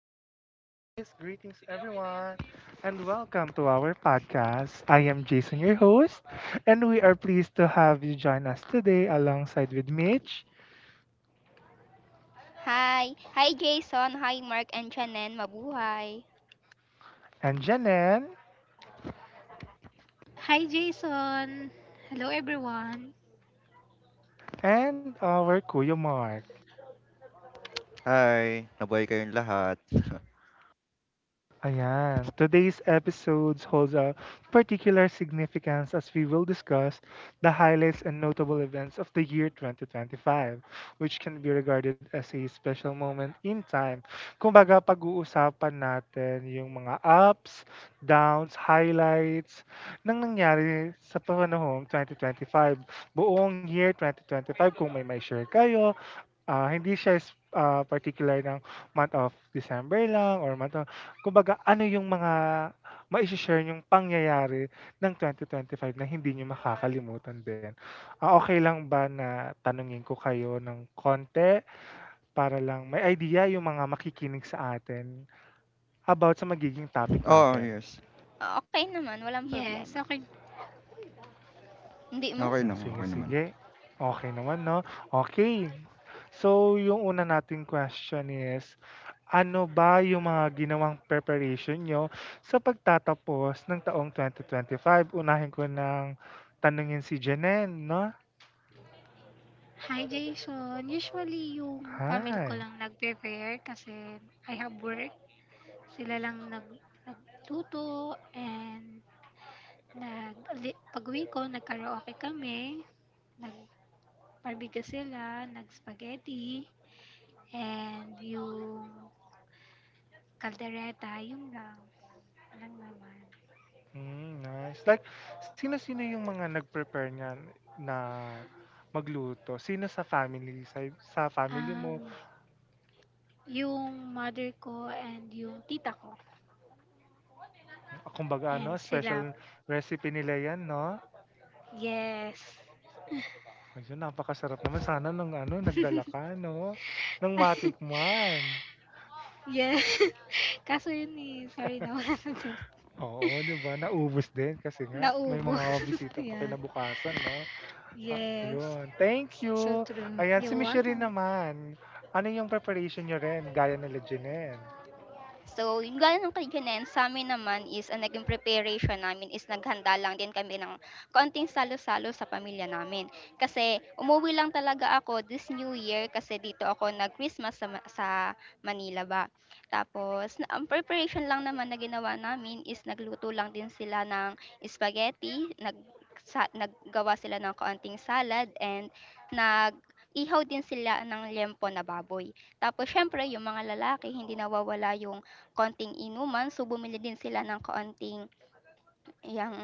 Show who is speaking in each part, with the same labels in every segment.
Speaker 1: Hi guys! Greetings everyone and welcome to our podcast. I am Jason, your host, and we are pleased to have you join us today alongside with Mitch
Speaker 2: Hi. Hi Jason, hi Mark and Chanen, mabuhay.
Speaker 1: and Janen
Speaker 3: Hi, Jason. Hello, everyone.
Speaker 1: and our Kuya Mark.
Speaker 4: Hi, nabuhay kayong lahat.
Speaker 1: Ayan. Today's episode holds a particular significance as we will discuss the highlights and notable events of the year 2025, which can be regarded as a special moment in time. Kumbaga, pag-uusapan natin yung mga ups, downs, highlights nang nangyari sa panahong 2025. Buong year 2025, kung may share kayo, hindi siya is particular ng month of December lang or month of kumbaga ano yung mga mai-she-share niyong pangyayari ng 2025 na hindi niyo makakalimutan din? Okey lang ba na tanungin ko kayo ng konti para lang may idea yung mga makikinig sa atin about sa magiging topic
Speaker 4: Oh,
Speaker 1: natin?
Speaker 4: yes.
Speaker 2: Okey naman, walang problema.
Speaker 3: Yes, okay.
Speaker 2: Hindi man?
Speaker 1: Hmm,
Speaker 4: Okey lang,
Speaker 1: sige,
Speaker 4: okey naman.
Speaker 1: sige. Okay naman 'no. Okay, so yung una nating question is, ano ba yung mga ginawang preparation niyo sa pagtatapos ng taong 2025? Unahin ko ng tanungin si Janine 'no.
Speaker 3: Hi, Jason. Usually, yung family ko
Speaker 1: Hi.
Speaker 3: lang nag-prepare kasi I have work. Sila lang nagluto and nag pag-uwi ko, nagkaraoke kami. Nag-barbecue sila, nag-spaghetti, and yung kaldereta, yun lang. Walang naman.
Speaker 1: Hmm, nice. Like sino-sino yung mga nag-prepare niyan na magluto? Sino sa family sa family mo?
Speaker 3: Um, yung mother ko and yung tita ko.
Speaker 1: Kumbaga ano,
Speaker 3: And
Speaker 1: special
Speaker 3: sila.
Speaker 1: recipe nila yan 'no?
Speaker 3: Yes.
Speaker 1: Ayun, napakasarap naman. Sana ng ano, nagdala ka 'no, ng matikman.
Speaker 3: Yes. Kaso yun eh, sorry na wala na din.
Speaker 1: Oo, 'di ba, naubos din kasi nga may
Speaker 3: Naubo.
Speaker 1: mga bisita pa
Speaker 3: Yeah.
Speaker 1: kinabukasan 'no.
Speaker 3: Yes.
Speaker 1: Ayun, thank
Speaker 3: So
Speaker 1: you.
Speaker 3: true.
Speaker 1: Ayan, si
Speaker 3: You're
Speaker 1: Miss
Speaker 3: welcome.
Speaker 1: naman, ano yung preparation niyo rin gaya nila Jenelle?
Speaker 2: So, yung gaya ng kay Janen, sa amin naman is, ang naging preparation namin is naghanda lang din kami ng konting salo-salo sa pamilya namin. Kasi, umuwi lang talaga ako this New Year kasi dito ako nag-Christmas sa, sa Manila ba. Tapos, ang preparation lang naman na ginawa namin is nagluto lang din sila ng spaghetti, naggawa sila ng konting salad, and nag ihaw din sila ng liempo na baboy. Tapos, syempre, yung mga lalaki, hindi nawawala yung konting inuman, so bumili din sila ng kaunting yang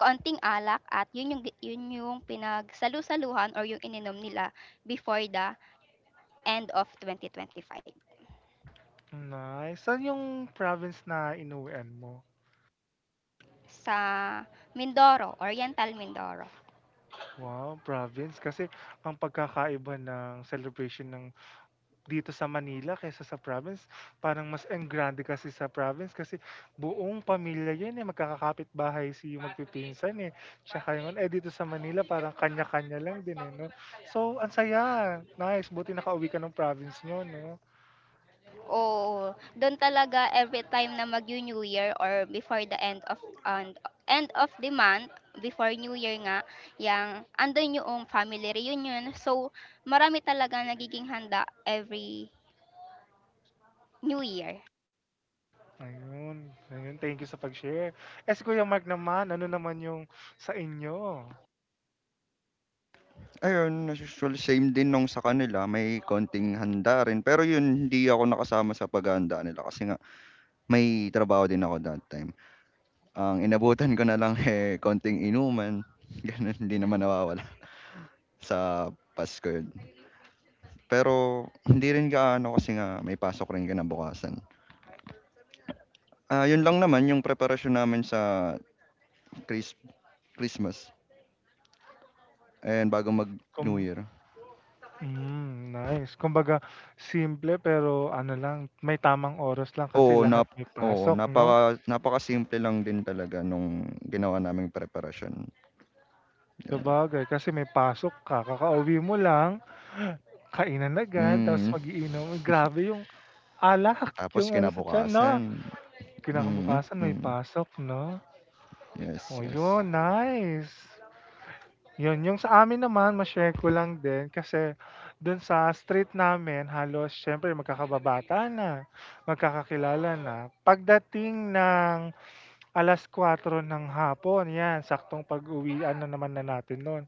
Speaker 2: kaunting alak at yun yung pinagsalu-saluhan or yung ininom nila before the end of 2025
Speaker 1: Nice. Saan yung province na inuwian mo?
Speaker 2: sa Mindoro, Oriental Mindoro.
Speaker 1: Wow, province. Kasi ang pagkakaiba ng celebration ng dito sa Manila kaysa sa province, parang mas enggrande kasi sa province kasi buong pamilya yun, eh, magkakakapitbahay si magpipinsan, eh. Tsaka yung ano, eh, dito sa Manila parang kanya-kanya lang din, eh, 'no? So, ang saya, nice, buti nakauwi ka ng province niyo, 'no?
Speaker 2: Oo, doon talaga every time na mag New Year or before the end of the month, before New Year nga, yang andun yung family reunion. So, marami talaga nagiging handa every New Year.
Speaker 1: Ayun, ayun, thank you sa pag-share. Eh, si Kuya Mark naman, ano naman yung sa inyo?
Speaker 4: Ayun, as usual same din nung sa kanila, may konting handa rin, pero yun hindi ako nakasama sa paghahanda nila kasi nga may trabaho din ako that time. Ang inabutan ko na lang, eh, konting inuman, ganun, hindi naman nawawala sa Pasko yun. Pero hindi rin gaano kasi nga may pasok rin kinabukasan. Ah, yun lang naman yung preparasyon namin sa Chris Christmas and bago mag-New
Speaker 1: Kum
Speaker 4: Year.
Speaker 1: hmm, nice. Kumbaga simple pero ano lang, may tamang oras lang kasi
Speaker 4: Oo,
Speaker 1: lahat
Speaker 4: nap
Speaker 1: may
Speaker 4: oo,
Speaker 1: pasok,
Speaker 4: napaka
Speaker 1: 'no?
Speaker 4: napakasimple lang din talaga nung ginawa naming preparasyon, gano'n.
Speaker 1: Sabagay kasi may pasok ka, kakauwi mo lang, kainan agad
Speaker 4: Mm.
Speaker 1: tapos mag-iinom. Grabe yung alak,
Speaker 4: Tapos
Speaker 1: yung ano sa tiyan 'no?
Speaker 4: kinabukasan, mm,
Speaker 1: Kinakabukasan may
Speaker 4: mm.
Speaker 1: pasok 'no?
Speaker 4: Yes,
Speaker 1: Oh,
Speaker 4: yes.
Speaker 1: yun nice. Yun, yung sa amin naman ma-share ko lang din kasi dun sa street namin halos siyempre magkakababataan na, magkakakilala na. Pagdating ng 4:00 ng hapon yan saktong pag-uwian na naman na natin nun,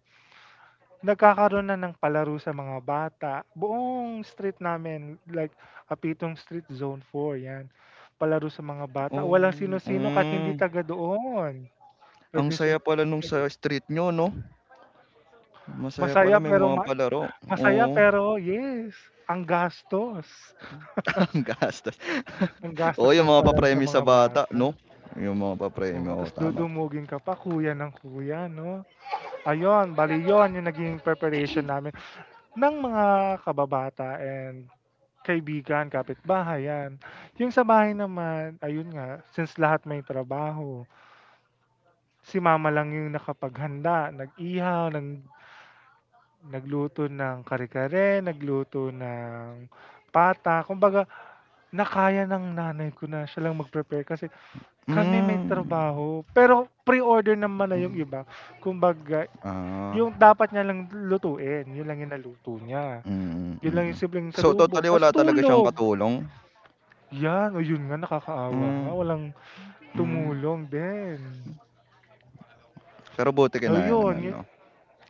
Speaker 1: nagkakaroon na ng palaro sa mga bata, buong street namin like Apitong Street Zone four 'yan, palaro sa mga bata
Speaker 4: Oh,
Speaker 1: walang sino-sino kahit hindi
Speaker 4: hmm.
Speaker 1: taga doon,
Speaker 4: Ang
Speaker 1: puwedeng
Speaker 4: saya pala nung sa
Speaker 1: sumali.
Speaker 4: street niyo 'no? Masaya
Speaker 1: Masaya
Speaker 4: pala may
Speaker 1: pero
Speaker 4: mga
Speaker 1: ma
Speaker 4: palaro,
Speaker 1: masaya
Speaker 4: oo.
Speaker 1: pero yes, ang gastos,
Speaker 4: Ang gastos.
Speaker 1: ang
Speaker 4: Oo,
Speaker 1: gastos
Speaker 4: yung mga
Speaker 1: magpalaro sa
Speaker 4: papremyo sa
Speaker 1: mga
Speaker 4: bata
Speaker 1: bata.
Speaker 4: 'no? Yung mga
Speaker 1: Oo,
Speaker 4: papremyo, oo,
Speaker 1: ta's
Speaker 4: tama.
Speaker 1: dudumugin ka pa kuya ng kuya 'no. Ayun, bale 'yun yung naging preparation namin ng mga kababata and kaibigan, kapitbahay, 'yan. Yung sa bahay naman, ayun nga, since lahat may trabaho, si mama lang yung nakapaghanda, nag-ihaw, nagluto ng kare-kare, nagluto ng pata. Kumbaga, nakaya ng nanay ko na siya lang mag-prepare kasi kami may
Speaker 4: Hmm,
Speaker 1: trabaho. Pero pre-order naman na yung
Speaker 4: hmm,
Speaker 1: iba. Kumbaga,
Speaker 4: ah.
Speaker 1: yung dapat niya lang lutuin, yun lang yung naluto niya.
Speaker 4: Mm,
Speaker 1: Yun lang yung
Speaker 4: mm.
Speaker 1: simpleng
Speaker 4: So,
Speaker 1: salubong,
Speaker 4: totally
Speaker 1: ta's
Speaker 4: wala talaga siyang
Speaker 1: tulog.
Speaker 4: katulong?
Speaker 1: 'Yan, o yun nga, nakakaawa nga
Speaker 4: Hmm,
Speaker 1: walang
Speaker 4: hmm.
Speaker 3: Yeah.
Speaker 1: tumulong din.
Speaker 4: Pero buti kinaya naman
Speaker 1: Ayun, yun
Speaker 4: 'no?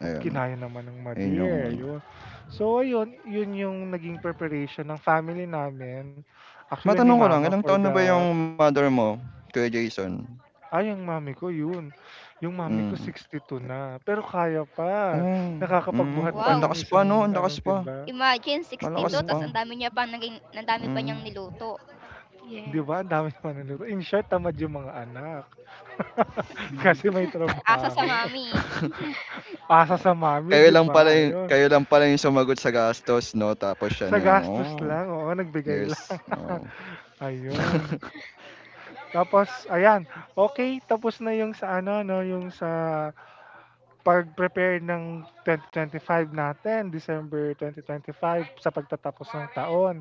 Speaker 1: oh,
Speaker 4: Ayun,
Speaker 1: kinaya naman ng
Speaker 4: ayun yung
Speaker 1: ma-dear,
Speaker 4: ano.
Speaker 1: ayun. So ayun, yun yung naging preparation ng family namin, actually ni
Speaker 4: Matanong ko lang,
Speaker 1: mama
Speaker 4: ilang
Speaker 1: for
Speaker 4: taon na ba
Speaker 1: the
Speaker 4: yung mother mo, Kuya Jason?
Speaker 1: ay, yung mommy ko yun, yung mami ko
Speaker 4: Hmm,
Speaker 1: 62 na, pero kaya pa,
Speaker 4: oh, hmm,
Speaker 1: nakakapagbuhat pa
Speaker 4: ang
Speaker 1: ng
Speaker 2: Wow!
Speaker 4: lakas pa 'no,
Speaker 1: isang
Speaker 4: ang lakas
Speaker 1: anong
Speaker 4: pa,
Speaker 1: timba.
Speaker 2: Imagine
Speaker 4: malakas
Speaker 2: 62
Speaker 1: Oo,
Speaker 2: ta's
Speaker 4: pa,
Speaker 2: ang dami pa
Speaker 4: hmm.
Speaker 2: niyang niluto.
Speaker 1: 'di ba
Speaker 3: Yes.
Speaker 1: ang dami naman niluto. In short, tamad yung mga anak kasi may
Speaker 2: Asa sa
Speaker 1: trabaho.
Speaker 2: mami.
Speaker 1: Asa sa mami
Speaker 4: Kayo
Speaker 1: 'di
Speaker 4: lang pala
Speaker 1: ba?
Speaker 4: yung
Speaker 1: Ayun,
Speaker 4: kayo lang pala yung sumagot sa gastos 'no, tapos siya
Speaker 1: sa
Speaker 4: na yung,
Speaker 1: gastos
Speaker 4: oh,
Speaker 1: lang, oo, nagbigay lang.
Speaker 4: yes, oo.
Speaker 1: Ayun. Tapos ayan, okay, tapos na yung sa ano no, yung sa pag-prepare ng 2025 natin, December 2025 sa pagtatapos ng taon.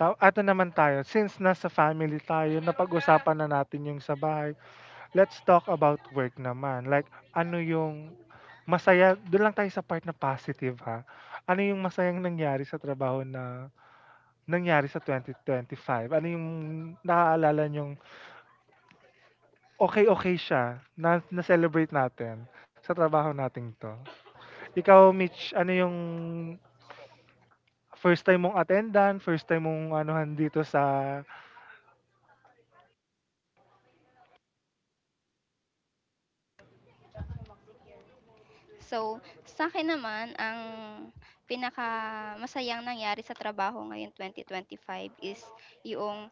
Speaker 1: Ato naman tayo, since nasa family tayo, napag-usapan na natin yung sa bahay. Let's talk about work naman. Like ano yung masaya, doon lang tayo sa part na positive ha. Ano yung masayang nangyari sa trabaho na nangyari sa 2025? Ano yung naaalala nyong okay, okay siya na na-celebrate natin sa trabaho nating 'to. Ikaw Mitch, ano yung first time mong attendant, first time mong anuhan dito sa
Speaker 2: So, sa akin naman ang pinaka pinakamasayang nangyari sa trabaho ngayon 2025 is yung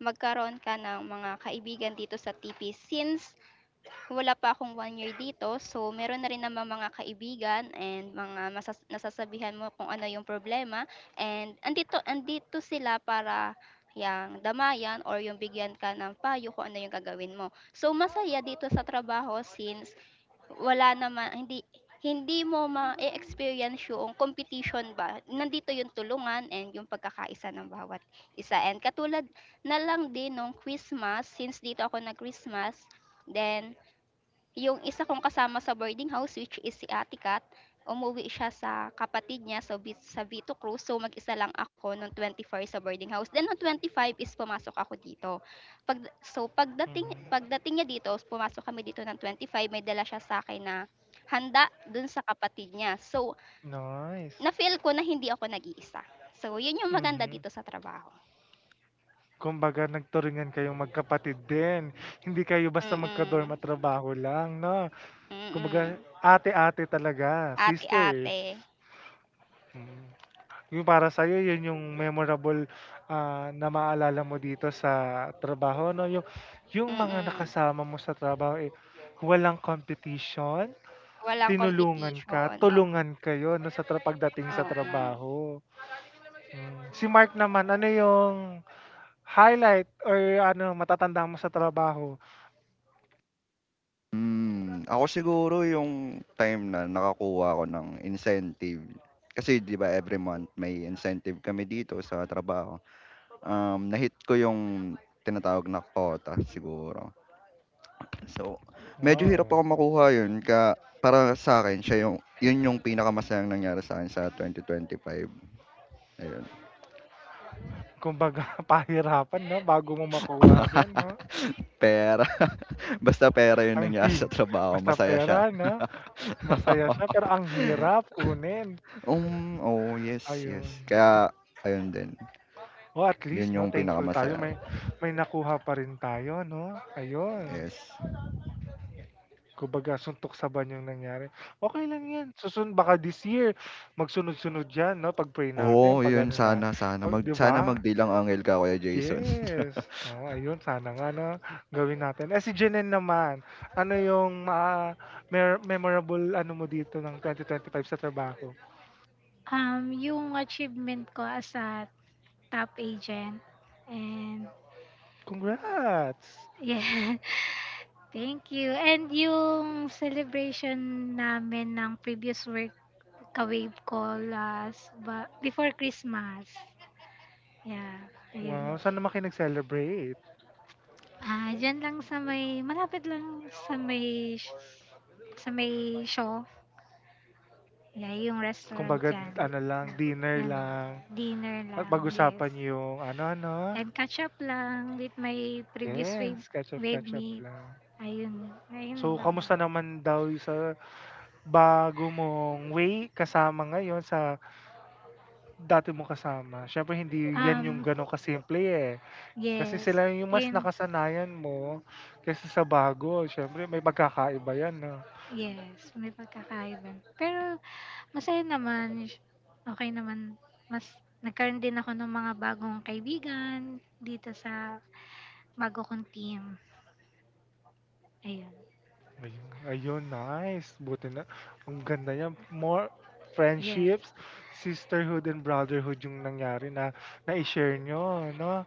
Speaker 2: magkaroon ka ng mga kaibigan dito sa TP, since wala pa akong one year dito, so meron na rin naman mga kaibigan and mga nasasabihan mo kung ano yung problema and andito andito sila para yang damayan or yung bigyan ka ng payo kung ano yung gagawin mo. So masaya dito sa trabaho since wala naman, hindi hindi mo ma experience yung competition ba. Nandito yung tulungan and yung pagkakaisa ng bawat isa. And katulad na lang din nung Christmas, since dito ako na Christmas, then yung isa kong kasama sa boarding house, which is si Ate Kat, umuwi siya sa kapatid niya, so sa Vito Cruz. So mag-isa lang ako nung 24 sa boarding house. Then nung 25 is pumasok ako dito. Pag so pagdating
Speaker 1: mhm,
Speaker 2: pagdating niya dito, pumasok kami dito ng 25, may dala siya sa akin na handa dun sa kapatid niya. So
Speaker 1: nice.
Speaker 2: na-feel ko na hindi ako nag-iisa. So yun yung maganda
Speaker 1: Mhm.
Speaker 2: dito sa trabaho.
Speaker 1: Kumbaga nagturingan kayong magkapatid din, hindi kayo basta magka-dorm
Speaker 2: Mm.
Speaker 1: at trabaho lang 'no?
Speaker 2: Mm.
Speaker 1: Kumbaga ate-ate talaga, sisters.
Speaker 2: Ate-ate.
Speaker 1: Mm. Yung para sa iyo yun yung memorable, na maalala mo dito sa trabaho 'no, yung mga
Speaker 2: Mm.
Speaker 1: nakasama mo sa trabaho, eh, walang competition,
Speaker 2: Walang
Speaker 1: tinulungan
Speaker 2: competition.
Speaker 1: ka, tulungan kayo 'no sa pagdating sa
Speaker 2: 嗯嗯，
Speaker 1: trabaho. Hmm, si Mark naman ano yung highlight or ano matatanda mo sa trabaho?
Speaker 4: Hmm, ako siguro yung time na nakakuha ako ng incentive. Kasi 'di ba every month may incentive kami dito sa trabaho. Nahit ko yung tinatawag na quota siguro. So, medyo hirap
Speaker 1: Wow,
Speaker 4: ako makuha yun ka para sa akin siya yung yun yung pinakamasayang nangyari sa'kin sa 2025, ayun.
Speaker 1: kumbaga pahirapan 'no bago mo makuha din 'no?
Speaker 4: Pera, basta pera yung
Speaker 1: Ang hi
Speaker 4: nangyari sa trabaho
Speaker 1: basta
Speaker 4: masaya siya.
Speaker 1: pera 'no? Masaya siya pero ang hirap kunin.
Speaker 4: Oh, yes, yes.
Speaker 1: Ayun.
Speaker 4: Kaya ayun din,
Speaker 1: O at
Speaker 4: yun
Speaker 1: least 'no,
Speaker 4: yung
Speaker 1: thankful tayo
Speaker 4: pinakamasaya.
Speaker 1: may may nakuha pa rin tayo 'no, ayun.
Speaker 4: Yes.
Speaker 1: Kumbaga suntok sa banyo yung nangyari. Okay lang 'yan, susun baka this year magsunod-sunod 'yan 'no, pag-pray natin
Speaker 4: Oo,
Speaker 1: 'pag
Speaker 4: yun
Speaker 1: ano na,
Speaker 4: sana sana
Speaker 1: 'pag
Speaker 4: mag
Speaker 1: 'di
Speaker 4: sana
Speaker 1: ba?
Speaker 4: magdilang angel ka, Kuya Jason.
Speaker 1: Yes, oo ayun sana nga 'no, gawin natin. Eh, si Jenen naman, ano yung ma mer memorable ano mo dito ng 2025 sa trabaho?
Speaker 3: Yung achievement ko as a top agent. And
Speaker 1: Congrats!
Speaker 3: yeah. Thank you. And yung celebration namin ng previous work ka-wave ko before Christmas. Yeah. Ayun.
Speaker 1: Wow, saan naman celebrate
Speaker 3: Ah, diyan lang sa may malapit lang sa may show. Yeah, yung restaurant
Speaker 1: kumbaga
Speaker 3: diyan.
Speaker 1: ano lang, dinner
Speaker 3: Yan,
Speaker 1: lang
Speaker 3: dinner
Speaker 1: at
Speaker 3: lang, yes.
Speaker 1: pag-usapan yung ano-ano,
Speaker 3: And catch up lang with my previous wave
Speaker 1: yes,
Speaker 3: wave
Speaker 1: catch up
Speaker 3: mate.
Speaker 1: lang.
Speaker 3: Ayun,
Speaker 1: So,
Speaker 3: ayun naman.
Speaker 1: kamusta naman daw sa bago mong way kasama ngayon sa dati mong kasama? Siyempre hindi yan yung
Speaker 3: Um,
Speaker 1: gano'n kasimple eh. Kasi
Speaker 3: yes.
Speaker 1: sila yung mas
Speaker 3: And
Speaker 1: nakasanayan mo kaysa sa bago. Siyempre may pagkakaiba yan 'no?
Speaker 3: yes, may pagkakaiba. Pero masaya naman. Okay naman. Mas nagkaroon din ako ng mga bagong kaibigan dito sa Magko-contempt. Ayun.
Speaker 1: Ayun, ayun, nice. Buti na. Ang ganda niya. More
Speaker 3: Yes,
Speaker 1: friendships, sisterhood and brotherhood yung nangyari na na-share nyo, no?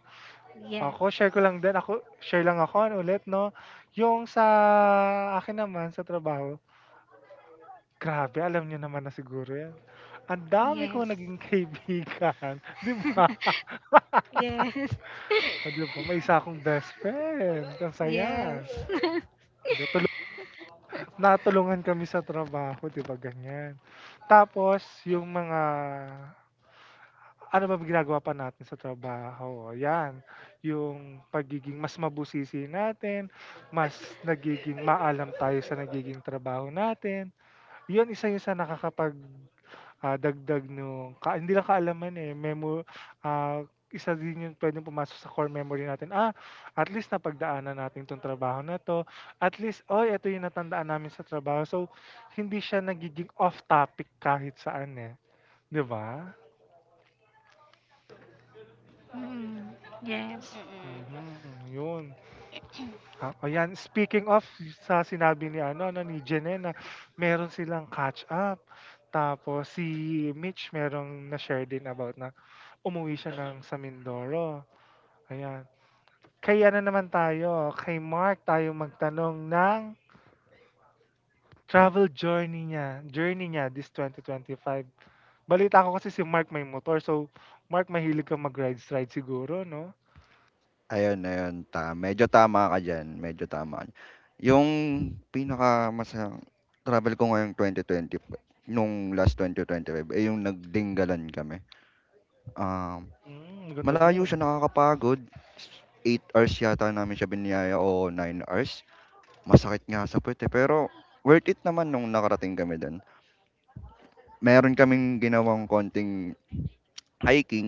Speaker 3: yes,
Speaker 1: Ako, share ko lang din. Ako, share lang ako ano, ulit, no? Yung sa akin naman, sa trabaho, grabe, alam niyo naman na siguro yan. Ang dami
Speaker 3: yes,
Speaker 1: ko naging kaibigan. Di ba?
Speaker 3: yes,
Speaker 2: 对，
Speaker 1: O, di ba? May isa akong best friend. Ang saya.
Speaker 3: yes.
Speaker 1: Tuloy na kami sa trabaho, 'di ba, ganyan. Tapos yung mga ano ba ginagawa pa natin sa trabaho, yan, yung pagiging mas mabusisi natin, mas nagiging maalam tayo sa nagiging trabaho natin, yun isa yun sa nakakapag dagdag nung ka hindi lang kaalaman, eh, memo isa din yun puwedeng pumasok sa core memory natin, at least napagdaanan natin 'tong trabaho na 'to, at least, "Uy, ito yung natandaan namin sa trabaho." So, hindi siya nagiging off topic kahit saan, eh, 'di ba?
Speaker 3: Mm, yes.
Speaker 2: 嗯嗯
Speaker 1: Mhm, yun. Ayan, speaking of sa sinabi ni ano 'no, ni Jene na meron silang catch up, tapos si Mitch merong na-share din about na umuwi siya ng sa Mindoro. Ayan. Kay ano naman tayo, kay Mark tayo magtanong ng travel journey niya this 2025. Balita ko kasi si Mark may motor, so Mark mahilig kang mag-ride-ride siguro, no?
Speaker 4: Ayun, ayun ta medyo tama ka diyan, medyo tama. Yung pinakamasayang travel ko ngayong 2020 nung last 2025 eh, yung nagdinggalan kami. Um,
Speaker 1: Mm, ang ganda
Speaker 4: Malayo
Speaker 1: dun.
Speaker 4: siya, nakakapagod. 8 hours yata namin siya biniyaya o 9 hours. Masakit nga sa puwet, eh, pero worth it naman nung nakarating kami dun. Meron kaming ginawang konting hiking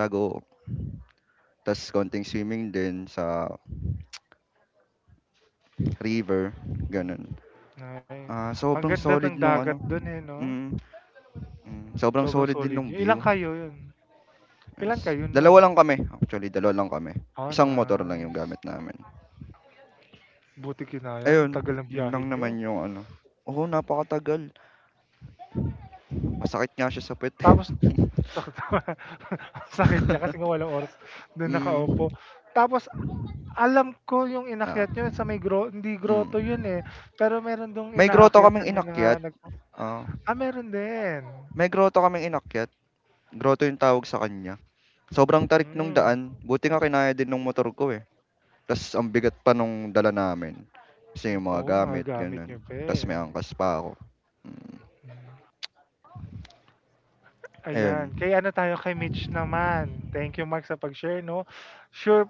Speaker 4: bago tas konting swimming din sa river,
Speaker 1: Mm.
Speaker 4: gano'n.
Speaker 1: Ay,
Speaker 4: Ah,
Speaker 1: ang
Speaker 4: sobrang
Speaker 1: ganda ng
Speaker 4: solid nung
Speaker 1: dagat
Speaker 4: ano,
Speaker 1: dun eh, no?
Speaker 4: mm, hmm, sobrang
Speaker 1: Sobrang
Speaker 4: solid din
Speaker 1: solid
Speaker 4: nung
Speaker 1: yun. Ilan
Speaker 4: view,
Speaker 1: kayo yun? Ilan
Speaker 4: yes.
Speaker 1: kayo nun?
Speaker 4: Dalawa lang kami, actually dalawa lang kami.
Speaker 1: Oh,
Speaker 4: Isang motor lang yung
Speaker 1: nice.
Speaker 4: gamit namin.
Speaker 1: Buti kinayan. Tagal
Speaker 4: Ayun,
Speaker 1: ng
Speaker 4: yun
Speaker 1: biyahe
Speaker 4: lang
Speaker 1: nyo.
Speaker 4: naman yung ano, oo, napakatagal. Masakit nga siya sa puwet, eh.
Speaker 1: Tapos sakit ang sakit niya kasi nga walang oras dun
Speaker 4: Hmm,
Speaker 1: nakaupo. Tapos alam ko yung
Speaker 4: oo,
Speaker 1: inakyat niyo sa may gro hindi
Speaker 4: hmm.
Speaker 1: grotto yun, eh, pero meron dong
Speaker 4: May grotto kaming
Speaker 1: inaakyatan yung mga
Speaker 4: inakyat,
Speaker 1: nagpa
Speaker 4: ah
Speaker 1: meron din?
Speaker 4: may grotto kaming inakyat, grotto yung tawag sa kanya. Sobrang tarik nung
Speaker 1: Hmm,
Speaker 4: daan, buti nga kinaya din nung motor ko, eh. Tas ang bigat pa nung dala namin, kasi yung mga
Speaker 1: oo mga
Speaker 4: gamit
Speaker 1: gamit
Speaker 4: gano'n,
Speaker 1: niyo pa,
Speaker 4: tas may
Speaker 1: eh.
Speaker 4: angkas pa ako, mm,
Speaker 1: Ayan,
Speaker 4: ayun.
Speaker 1: kay ano tayo, kay Mitch naman. Thank you Mark sa pag-share 'no. Sure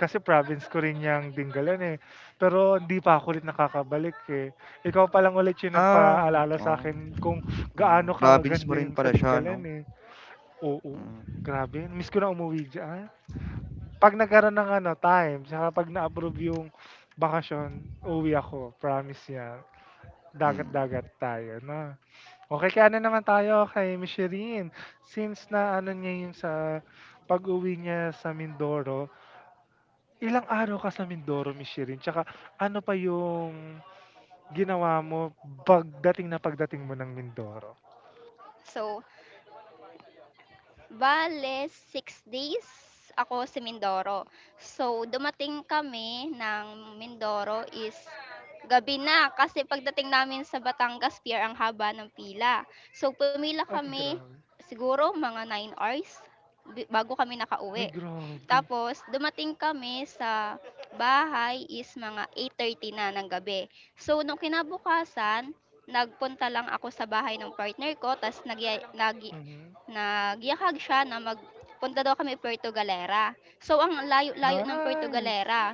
Speaker 1: kasi province ko rin yang Dingalan, eh, pero hindi pa ako ulit nakakabalik, eh. Ikaw pa lang ulit yung
Speaker 4: Ah,
Speaker 1: nagpaalala sa
Speaker 4: oo,
Speaker 1: akin kung
Speaker 4: hmm,
Speaker 1: gaano
Speaker 4: province mo
Speaker 1: kaganda
Speaker 4: rin
Speaker 1: yung sa
Speaker 4: pala siya
Speaker 1: Dingalan,
Speaker 4: 'no?
Speaker 1: eh. Oo,
Speaker 4: Hmm,
Speaker 1: grabe miss ko na umuwi diyan. 'Pag nagkaroon ng ano, time tsaka 'pag na-approve yung bakasyon, uuwi ako, promise yan.
Speaker 4: hmm.
Speaker 1: Dagat-dagat tayo na, okay kaya ano naman tayo, kay Miss Shireen. Since na ano niya yung sa pag-uwi niya sa Mindoro, ilang araw ka sa Mindoro, Miss Shirin? Tsaka ano pa yung ginawa mo pagdating na pagdating mo ng Mindoro?
Speaker 2: So, bale, 6 days ako sa Mindoro. So, dumating kami ng Mindoro is gabi na kasi pagdating namin sa Batangas Pier ang haba ng pila. So, pumila
Speaker 1: Ay,
Speaker 2: kami
Speaker 1: grabe.
Speaker 2: siguro mga 9 hours bago kami
Speaker 1: Ay,
Speaker 2: nakauwi.
Speaker 1: grabe.
Speaker 2: Tapos, dumating kami sa bahay is mga 8:30 na ng gabi. So, nung kinabukasan, nagpunta lang ako sa bahay ng partner ko, tapos, nag, nag,
Speaker 1: Mhm.
Speaker 2: nagyakag siya na magpunta daw kami Puerto Galera. So, ang layo-layo ng Puerto
Speaker 1: Nice.
Speaker 2: Galera.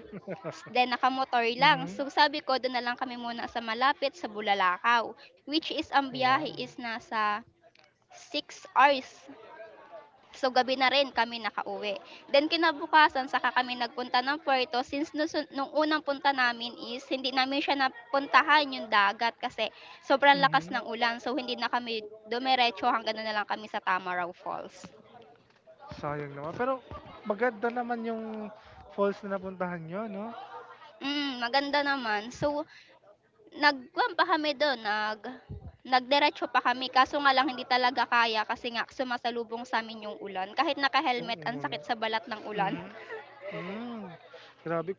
Speaker 2: Then, nakamotor lang.
Speaker 1: Mhm.
Speaker 2: So, sabi ko, doon na lang kami muna sa malapit sa Bulalakaw. Which is, ang biyahe
Speaker 1: Wow.
Speaker 2: is nasa 6 hours. So, gabi na rin kami nakauwi. Then, kinabukasan, saka kami nagpunta ng Puerto. Since nung, unang punta namin is, hindi namin siya napuntahan yung dagat kasi sobrang lakas
Speaker 1: Mhm.
Speaker 2: ng ulan. So, hindi na kami dumiretso, hanggang doon na lang kami sa Tamaraw Falls.
Speaker 1: Sayang naman. Pero maganda naman yung falls na napuntahan nyo, no?
Speaker 2: Maganda naman. So, nagkuhan pa kami dun, nagdiretso pa kami, kaso nga lang hindi talaga kaya kasi nga sumasalubong sa'min yung ulan. Kahit
Speaker 1: Yung
Speaker 2: naka-helmet ang
Speaker 1: umul.
Speaker 2: sakit sa balat ng ulan.
Speaker 1: Mhm. Mm. Grabe.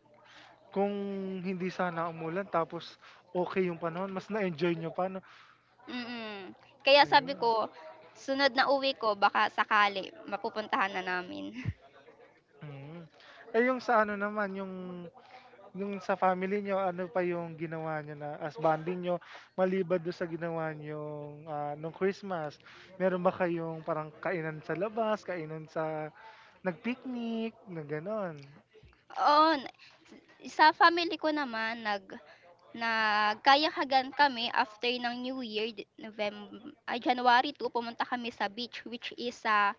Speaker 1: Kung hindi sana umulan tapos okay yung panahon, mas na-enjoy nyo pa, no?
Speaker 2: Mm. Kaya sabi
Speaker 1: Ayun.
Speaker 2: ko, sunod na uwi ko baka sakali mapupuntahan na namin.
Speaker 1: Hmm. Eh, yung sa ano naman, yung sa family nyo ano pa yung ginawa nyo na as bonding nyo maliban do'n sa ginawa niyong, nung Christmas? Meron ba kayong parang kainan sa labas, kainan sa nagpicnic, picnic na gano'n?
Speaker 2: Oo, sa family ko naman nagkayahagan kami after ng New Year, November, January 2, pumunta kami sa beach which is sa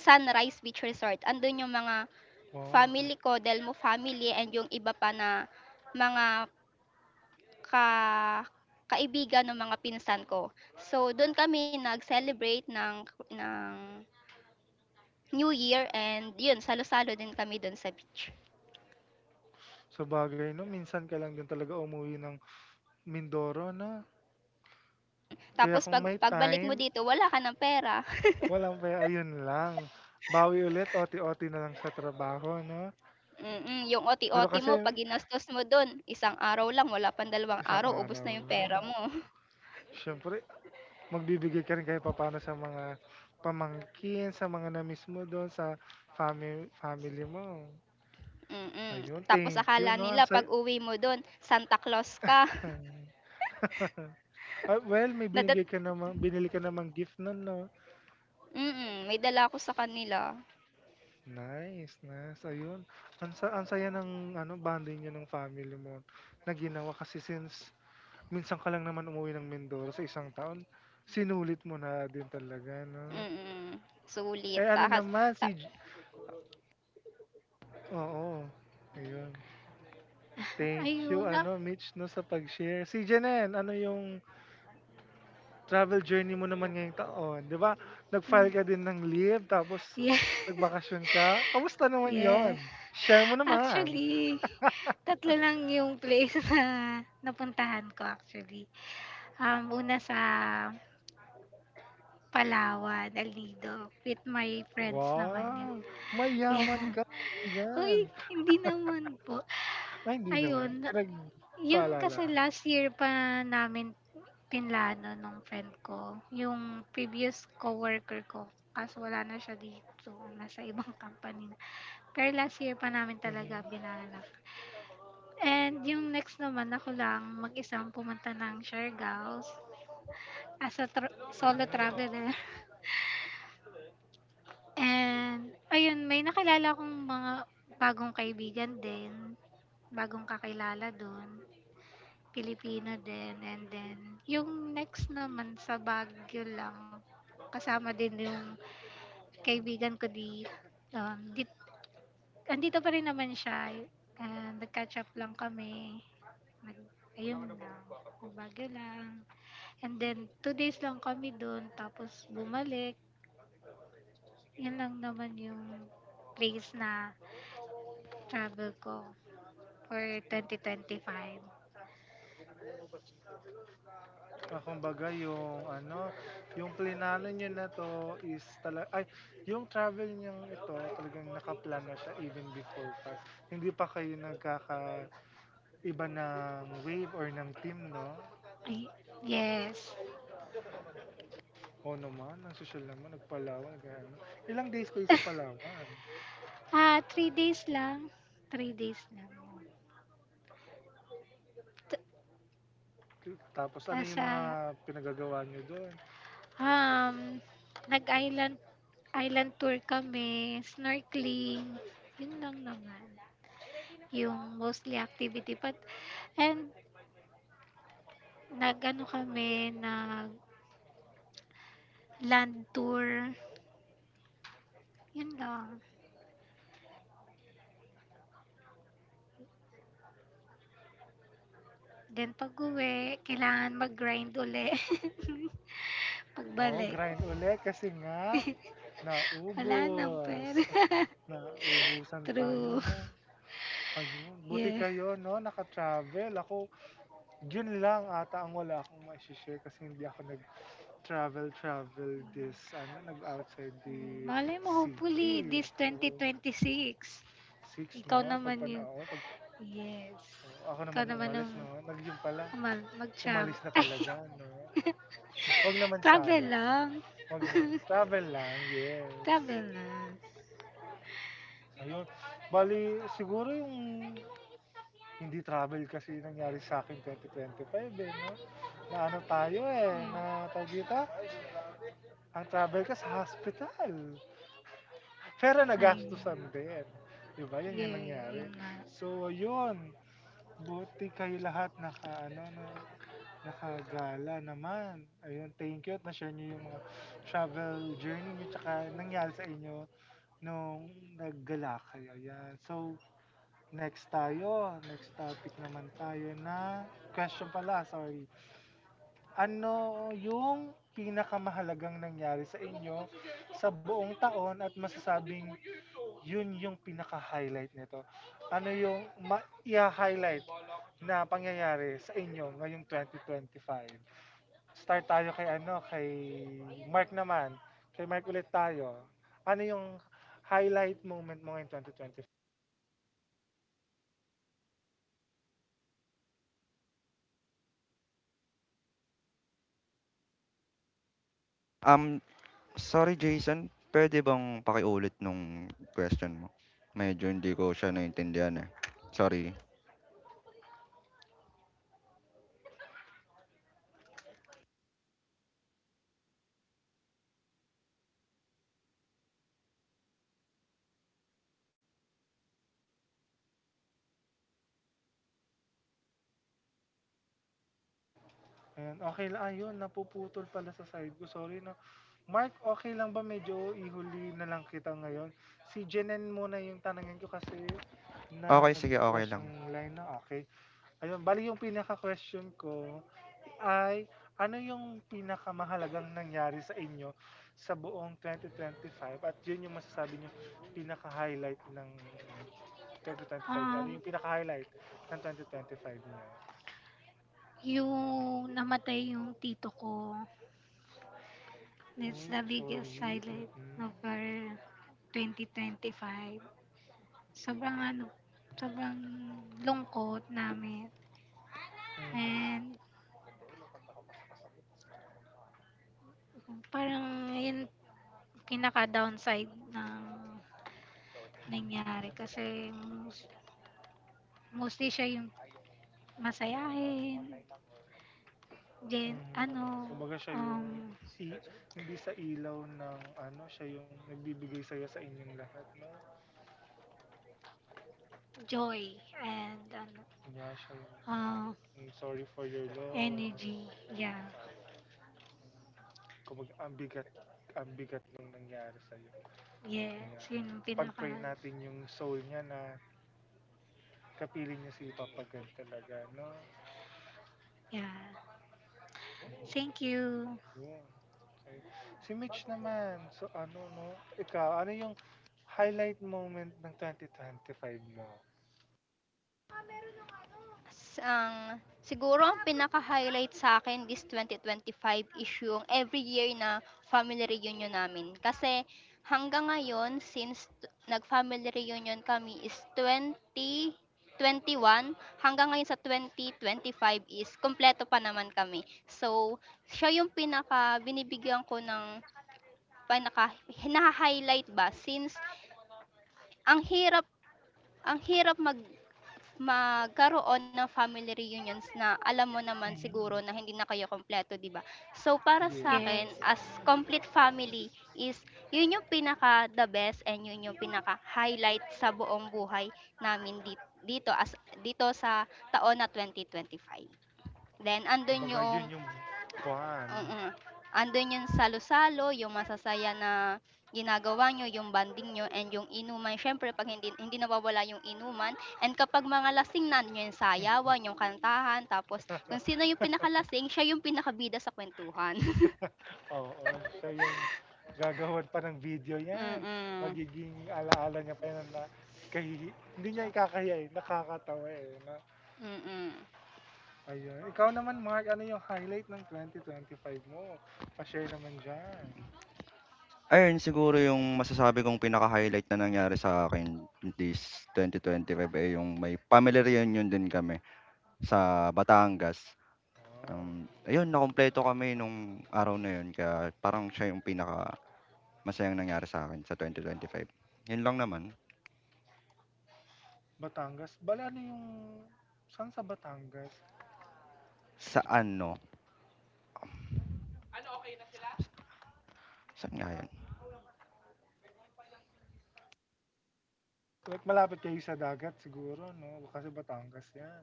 Speaker 2: Sunrise Beach Resort. Andun yung mga
Speaker 1: Wow,
Speaker 2: family ko, Del Mo family and yung iba pa na mga ka kaibigan ng mga pinsan ko. So do'n kami nag-celebrate ng New Year and 'yun salo-salo din kami do'n sa beach.
Speaker 1: sabagay 'no, minsan ka lang din talaga umuwi ng Mindoro 'no? Kaya
Speaker 2: Tapos,
Speaker 1: kung may
Speaker 2: pagbalik mo
Speaker 1: time,
Speaker 2: dito wala ka ng pera.
Speaker 1: walang pera, ayun lang, bawi ulit, OT-OT na lang sa trabaho 'no?
Speaker 2: Yung
Speaker 1: Pero
Speaker 2: OT-OT
Speaker 1: kasi
Speaker 2: mo 'pag ginastos mo do'n, isang araw lang, wala pang dalawang
Speaker 1: isang
Speaker 2: araw, ubos
Speaker 1: araw
Speaker 2: na yung
Speaker 1: lang.
Speaker 2: pera mo.
Speaker 1: Siyempre, magbibigay ka rin kahit papaano sa mga pamangkin, sa mga na-miss mo do'n sa family family mo. Ayun,
Speaker 2: Tapos
Speaker 1: thank you
Speaker 2: akala
Speaker 1: 'no, ang
Speaker 2: nila
Speaker 1: saya
Speaker 2: pag-uwi mo do'n Santa Claus ka.
Speaker 1: well, may
Speaker 2: Nadat
Speaker 1: binigay ka namang binili ka namang gift no'n 'no?
Speaker 2: May dala ako sa kanila.
Speaker 1: Nice, nice, ayun. Ang saya ng ano, bonding niyo ng family mo na ginawa kasi since minsan ka lang naman umuwi ng Mindoro sa isang taon, sinulit mo na din talaga 'no?
Speaker 2: Mm, Sulit.
Speaker 1: Eh, ano
Speaker 2: Takas
Speaker 1: naman
Speaker 2: ta
Speaker 1: si J oo, ayun. Thank you,
Speaker 3: Ayun, ah,
Speaker 1: ano, Mitch, no, sa pag-share. Si Janen, ano yung travel journey mo naman ngayong taon? Di ba? Nag-file ka din ng leave, tapos
Speaker 3: yeah,
Speaker 1: nagbakasyon ka. Kamusta naman
Speaker 3: yeah.
Speaker 1: yon? Share mo naman.
Speaker 3: Actually, tatlo lang yung place na napuntahan ko actually. Um, una sa Palawan, Alido, with my friends naman yun.
Speaker 1: Wow! Mayaman
Speaker 3: Yeah.
Speaker 1: ka, kaibigan.
Speaker 3: Uy, hindi naman po.
Speaker 1: Ay, hindi naman.
Speaker 3: Ayun, yun
Speaker 1: Pinagpaalala.
Speaker 3: kasi last year pa namin pinlano nung friend ko, yung previous coworker ko, kaso wala na siya dito, nasa ibang company na. Pero last year pa namin
Speaker 1: Mhm.
Speaker 3: talaga binalak. And yung next naman ako lang mag-isang pumunta ng Siargao as a solo traveler. And ayun, may nakilala akong mga bagong kaibigan din, bagong kakilala dun. Pilipino din and then yung next naman sa Baguio lang, kasama din yung kaibigan ko di um, dit andito pa rin naman siya, ah, nag-catch up lang kami. Nag Ayun lang, Baguio lang. And then two days lang kami doon tapos bumalik. Yun lang naman yung place na travel ko for 2025.
Speaker 1: Ah, kumbaga yung ano, yung plinano niyo na 'to is yung travel niyong ito talagang naka-plan na siya even before pa. Hindi pa kayo nagkakaiba ng wave or ng team, 'no?
Speaker 3: Ay, yes.
Speaker 1: Oo naman, ang social naman, nag-Palawan, gano. Ilang days kayo sa Palawan?
Speaker 3: Ah, three days lang. Ta
Speaker 1: Tapos ano
Speaker 3: ta's,
Speaker 1: yung mga
Speaker 3: ah,
Speaker 1: pinagagawa niyo dun?
Speaker 3: um, Nag-island tour kami, snorkeling, yun lang naman. Yung mostly activity but and nag-ano kami, nag-land tour, yun lang. Then pag-uwi kailangan mag-grind uli
Speaker 1: Oh,
Speaker 3: pagbalik.
Speaker 1: grind ulit kasi nga
Speaker 3: Wala nang
Speaker 1: naubos.
Speaker 3: pera.
Speaker 1: Naubusan tayo,
Speaker 3: True,
Speaker 1: 'no? Ayun, buti
Speaker 3: yeah.
Speaker 1: kayo 'no, naka-travel. Ako, yun lang ata ang wala akong mai share kasi hindi ako nag-travel this ano, nag-outside the
Speaker 3: Malay mo, hopefully,
Speaker 1: city.
Speaker 3: this
Speaker 1: Oo,
Speaker 3: 2026.
Speaker 1: six 'no,
Speaker 3: Ikaw
Speaker 1: Ay,
Speaker 3: naman
Speaker 1: pagpana
Speaker 3: yung,
Speaker 1: oo, pag
Speaker 3: yes.
Speaker 1: oo, ako naman
Speaker 3: Ikaw
Speaker 1: yung
Speaker 3: naman
Speaker 1: umalis
Speaker 3: yung
Speaker 1: 'no, nag yun pala,
Speaker 3: mag-travel.
Speaker 1: umalis na
Speaker 3: Ay,
Speaker 1: talaga 'no. Wag naman
Speaker 3: travel
Speaker 1: sana 'no,
Speaker 3: lang.
Speaker 1: wag no. Travel lang, yes.
Speaker 3: Travel lang.
Speaker 1: Ayun, bali, siguro yung hindi travel kasi nangyari sa akin 2025 eh, no? Na ano tayo eh,
Speaker 3: Ayan.
Speaker 1: na tag dito, ang travel ka sa hospital. Pero
Speaker 3: Ayun.
Speaker 1: nagastusan din. Di ba? Yan yung
Speaker 3: Yeah,
Speaker 1: nangyari.
Speaker 3: ayun nga.
Speaker 1: So, yun. Buti kayo lahat naka, ano, na, nakagala naman. Ayun, thank you at na-share nyo yung mga travel journey nyo tsaka nangyari sa inyo nung naggala kayo. Ayan. So, next tayo, next topic naman tayo na question pala, sorry. Ano yung pinakamahalagang nangyari sa inyo sa buong taon at masasabing yun yung pinaka-highlight nito? Ano yung i-highlight na pangyayari sa inyo ngayong 2025? Start tayo kay ano, kay Mark naman. Kay Mark ulit tayo. Ano yung highlight moment mo ngayong 2025?
Speaker 4: Um, Sorry, Jason, puwede bang pakiulit nung question mo? Medyo hindi ko siya naintindihan, eh, sorry.
Speaker 1: Ayan, okay lang. Ayun, napuputol pala sa side ko. Sorry na. Mark, okay lang ba medyo ihuli na lang kita ngayon? Si Jenen muna yung tanangin ko kasi
Speaker 4: Okey, sige, okey
Speaker 1: nag-crash
Speaker 4: lang.
Speaker 1: ang line na. Okay. Ayun, bali yung pinaka-question ko ay ano yung pinakamahalagang nangyari sa inyo sa buong 2025 at yun yung masasabi yung pinaka-highlight ng 2025 niya. Ano
Speaker 3: Um,
Speaker 1: yung pinaka-highlight ng 2025 niya?
Speaker 3: yung namatay yung tito ko. That's
Speaker 1: Uy,
Speaker 3: the biggest
Speaker 1: sorry.
Speaker 3: highlight of
Speaker 1: Mm-mm.
Speaker 3: our 2025. Sobrang ano, Sobrang lungkot namin.
Speaker 1: Mhm,
Speaker 3: And parang yun pinaka-downside ng nangyari kasi mostly siya yung masayahin, then
Speaker 1: mhm.
Speaker 3: ano,
Speaker 1: Kumbaga siya yung
Speaker 3: um,
Speaker 1: i hindi sa ilaw ng ano, siya yung nagbibigay saya sa inyong lahat, 'no?
Speaker 3: joy and ano,
Speaker 1: Yeah, siya yung
Speaker 3: ah,
Speaker 1: I'm sorry for your loss.
Speaker 3: energy. Yeah.
Speaker 1: Hmm, kumbaga ang bigat nung nangyari sa'yo,
Speaker 3: Yes,
Speaker 1: ayan.
Speaker 3: yun ang pinaka
Speaker 1: Ipag-pray natin yung soul niya na kapiling niya si Papa God talaga, 'no?
Speaker 3: yeah.
Speaker 1: Mm.
Speaker 3: Thank you.
Speaker 1: Yun. Okay. Si Mitch naman, so ano no, ikaw, ano yung highlight moment ng twenty twenty five mo?
Speaker 2: s Ang siguro ang pinaka-highlight sa akin this 2025 is yung every year na family reunion namin. Kasi hanggang ngayon, since nag-family reunion kami is 2021 hanggang ngayon sa 2025, is kumpleto pa naman kami. So, siya yung pinaka binibigyan ko ng pinaka naha-highlight ba, since ang hirap, ang hirap magkaroon ng family reunions na alam mo naman
Speaker 1: Mhm.
Speaker 2: siguro na hindi na kayo kumpleto, 'di ba? So, para
Speaker 1: Yes.
Speaker 2: sa
Speaker 3: Yes.
Speaker 2: akin as complete family is yun yung pinaka the best and yun yung pinaka-highlight sa buong buhay namin dito, dito as dito sa taon na 2025. Then andun
Speaker 1: Kumbaga yun
Speaker 2: yung
Speaker 1: yung bond.
Speaker 2: Mm. Andun yung salo-salo, yung masasaya na ginagawa niyo, yung banding niyo and yung inuman. Siyempre 'pag hindi hindi nawawala yung inuman and kapag mga lasing na, andun yung sayawan, yung kantahan, tapos kung sino yung pinakalasing, siya yung pinakabida sa kuwentuhan.
Speaker 1: Oo, siya yung gagawin pa ng video yan.
Speaker 2: Mm.
Speaker 1: Magiging alaala niya pa yan na hindi niya ikakaya eh, nakakatawa eh. No?
Speaker 2: Mm.
Speaker 1: Ayun. Ikaw naman, Mark, ano yung highlight ng twenty twenty five mo? Pa-share naman dyan.
Speaker 4: Ayun, siguro yung masasabi kong pinaka-highlight na nangyari sa'kin this 2025, eh, yung may family reunion din kami sa Batangas.
Speaker 1: Wow.
Speaker 4: Ayun, nakumpleto kami nung araw na yun kaya parang siya yung pinaka masayang nangyari sa akin sa 2025. Yun lang naman.
Speaker 1: Batangas. Bala ano yung... Saan sa Batangas?
Speaker 4: Sa ano,
Speaker 1: Ano, okay na sila?
Speaker 4: saan nga yun?
Speaker 1: Like, malapit kayo sa dagat siguro, no? Kasi Batangas yan.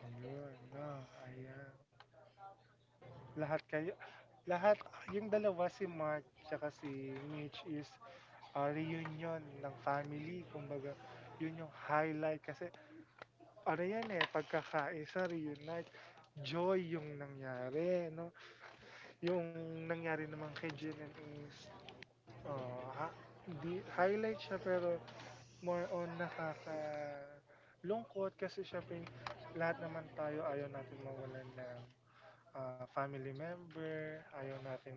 Speaker 1: Ayun, no? Ayan. Lahat kayo... Lahat, yung dalawa, si Mark tsaka si Mitch is reunion ng family. Kumbaga, yun yung highlight. Kasi, ano yan eh, pagkakaisa, reunite, joy yung nangyari, no? Yung nangyari naman kay Jen is Oo, ha hindi highlight siya pero more on nakakalungkot kasi siyempre lahat naman tayo ayaw natin mawalan ng family member, ayaw natin ng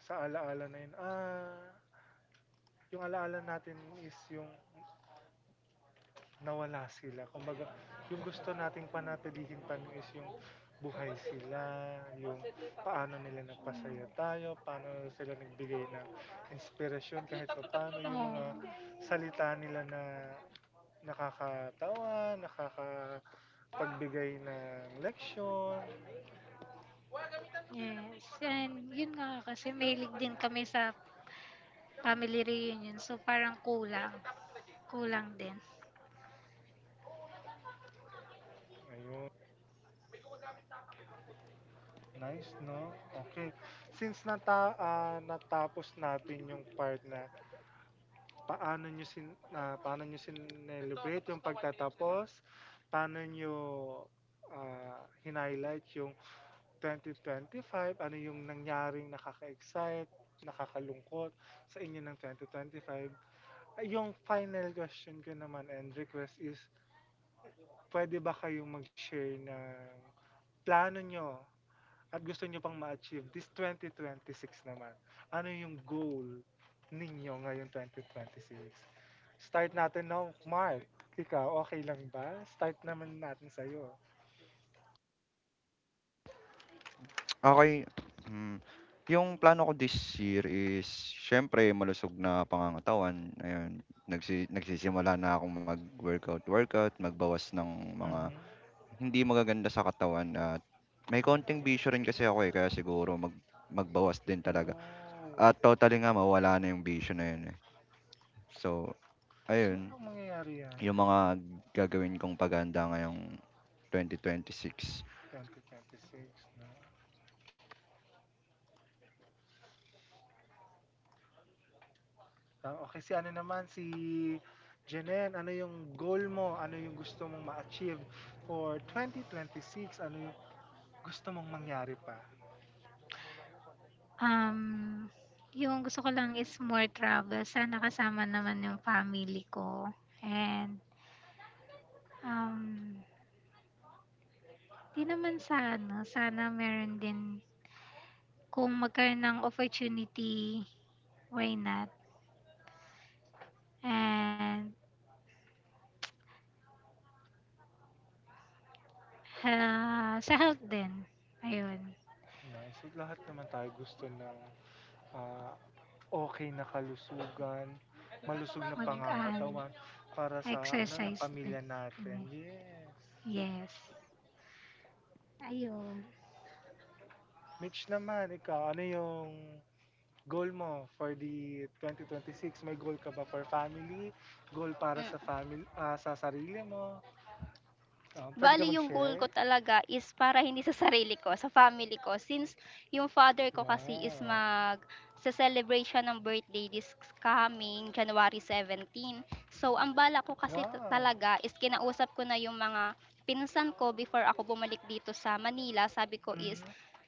Speaker 1: sa alaala na yun, ah, yung alaala natin is yung nawala sila. Kumbaga, yung gusto nating panatilihin pa nun is yung buhay sila, yung paano nila nagpasaya
Speaker 3: Mm.
Speaker 1: tayo, paano sila nagbigay ng inspirasyon
Speaker 3: Tatlo,
Speaker 1: kahit pa
Speaker 3: tatlo,
Speaker 1: paano
Speaker 3: tatlo lang.
Speaker 1: yung mga
Speaker 3: Oh.
Speaker 1: salita nila na nakakatawa, nakakapagbigay ng leksyon.
Speaker 3: Yes. And yun nga kasi mahilig din kami sa family reunion, so parang kulang, kulang din.
Speaker 1: Nice, no? Okay. Since nata, ah, natapos natin yung part na paano nyo sin na paano nyo sinelebrate ito, yung pagtatapos, paano nyo ah, hinighlight yung 2025, ano yung nangyaring nakaka-excite, nakakalungkot sa inyo ng 2025. Ay, yung final question ko naman and request is, pwede ba kayong mag-share ng plano nyo at gusto nyo pang ma-achieve this 2026 naman, ano yung goal ninyo ngayon 2026? Start natin now, Mark. Ikaw, okay lang ba? Start naman natin sa'yo.
Speaker 4: Okey, hmm, yung plano ko this year is siyempre malusog na pangangatawan, ayun. Nagsisimula na akong mag-workout-workout, magbawas ng mga
Speaker 1: Mhm.
Speaker 4: hindi magaganda sa katawan at may konting bisyo rin kasi ako, eh, kaya siguro magbawas din talaga
Speaker 1: Oh.
Speaker 4: at totally nga mawawala na yung bisyo na yun, eh. So,
Speaker 1: So,
Speaker 4: ayun,
Speaker 1: anong mangyayari yan?
Speaker 4: yung mga gagawin kong paghahanda ngayong 2026.
Speaker 1: 2026, no? Ah, okay, si ano naman, si Jenen, ano yung goal mo? Ano yung gusto mong ma-achieve for 2026? Ano yung gusto mong mangyari pa?
Speaker 3: Um, yung gusto ko lang is more travel, sana kasama naman yung family ko and, um, 'di naman sa ano, sana meron din kung magkaroon ng opportunity, why not? And, sa health din, ayun,
Speaker 1: Nice. At lahat naman tayo gusto ng, ah, okey na kalusugan, eto na malusog na
Speaker 3: mag-ano,
Speaker 1: pangangatawan para sa ano, na
Speaker 3: exercise din.
Speaker 1: pamilya natin,
Speaker 3: Mm,
Speaker 1: yes.
Speaker 3: yes, ayun.
Speaker 1: Mitch naman, ikaw ano yung goal mo for the 2026? May goal ka ba for family? Goal para sa
Speaker 2: Mm.
Speaker 1: family ah, sa sarili mo? Puwede ka
Speaker 2: Bali, yung goal
Speaker 1: mag-share?
Speaker 2: ko talaga is para hindi sa sarili ko, sa family ko, since yung father ko kasi is
Speaker 1: Wow.
Speaker 2: magse-celebrate siya ng birthday this coming January 17. So, ang balak ko kasi,
Speaker 1: Wow.
Speaker 2: talaga is kinausap ko na yung mga pinsan ko before ako bumalik dito sa Manila. Sabi ko is
Speaker 1: Mhm,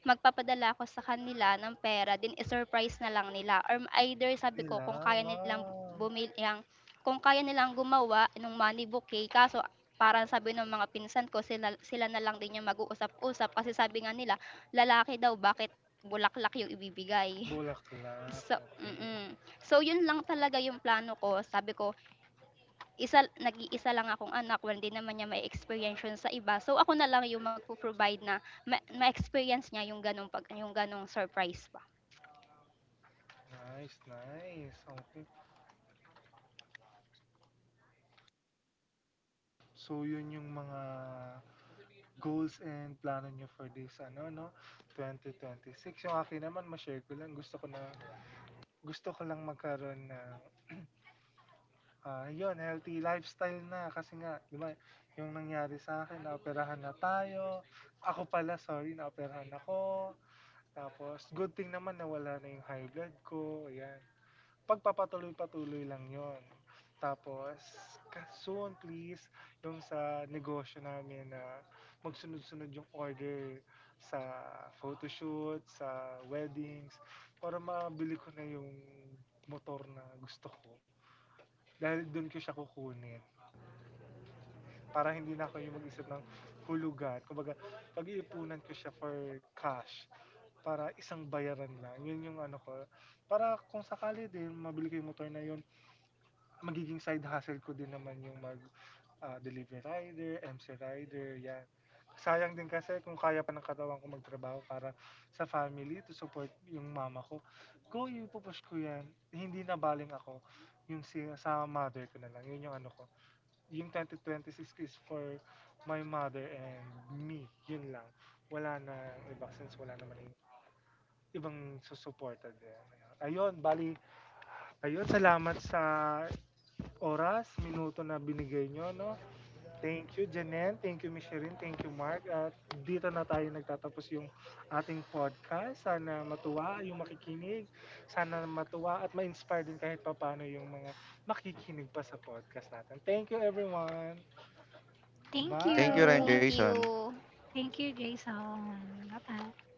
Speaker 2: magpapadala ako sa kanila ng pera, din surprise na lang nila or either sabi ko kung
Speaker 1: nila,
Speaker 2: kaya nilang
Speaker 1: wow.
Speaker 2: bumili ang kung kaya nilang gumawa ng money bouquet, kaso parang sabi nung mga pinsan ko sila sila na lang din yung mag-uusap-usap kasi sabi nga nila, lalaki daw, bakit bulaklak yung ibibigay.
Speaker 1: Bulaklak,
Speaker 2: So
Speaker 1: okay.
Speaker 2: mm. So yun lang talaga yung plano ko. Sabi ko, nag-iisa lang akong anak, well, hindi naman niya may experience yun sa iba. So ako na lang yung magpo-provide na ma-experience niya yung ganong surprise pa.
Speaker 1: Nice, nice. Oh, okay. So, yun yung mga goals and plano nyo for this, ano, no? 2026. Yung akin naman, ma-share ko lang. Gusto ko na, gusto ko lang magkaroon ng, ah, yun, healthy lifestyle na. Kasi nga, di ba, yung nangyari sa akin, naoperahan na tayo. Ako pala, sorry, naoperahan ako. Tapos, good thing naman na wala na yung high blood ko. Ayan. Pagpapatuloy-patuloy lang yon, tapos, soon please, yung sa negosyo namin na magsunod-sunod yung order sa photoshoot, sa weddings, para mabili ko na yung motor na gusto ko. Dahil doon ko siya kukunin. Para hindi na ako yung mag-isip ng hulugan. Kumbaga, pag-iipunan ko siya for cash para isang bayaran lang. Yun yung ano ko. Para kung sakali din, mabili ko yung motor na yun, magiging side hustle ko din naman yung mag ah, delivery rider, MC rider, yan. Sayang din kasi kung kaya pa ng katawan ko magtrabaho para sa family to support yung mama ko. Go, ipupush ko yan. Hindi na baling ako yung si, sa mother ko na lang. Yun yung ano ko. Yung 2026 is for my mother and me. Yun lang. Wala na iba since wala naman yung ibang susuporta din. Ayun, bali, ayun, salamat sa oras, minuto na binigay nyo, no? Thank you, Janen. Thank you, Micheline. Thank you, Mark. At dito na tayo nagtatapos yung ating podcast. Sana matuwa yung makikinig. Sana matuwa at ma-inspire din kahit papano yung mga makikinig pa sa podcast natin. Thank you, everyone.
Speaker 3: Thank
Speaker 4: Thank
Speaker 1: Bye!
Speaker 4: you rin,
Speaker 2: Thank
Speaker 3: you.
Speaker 4: Jason.
Speaker 2: you.
Speaker 3: Thank you, Jason. Bye bye.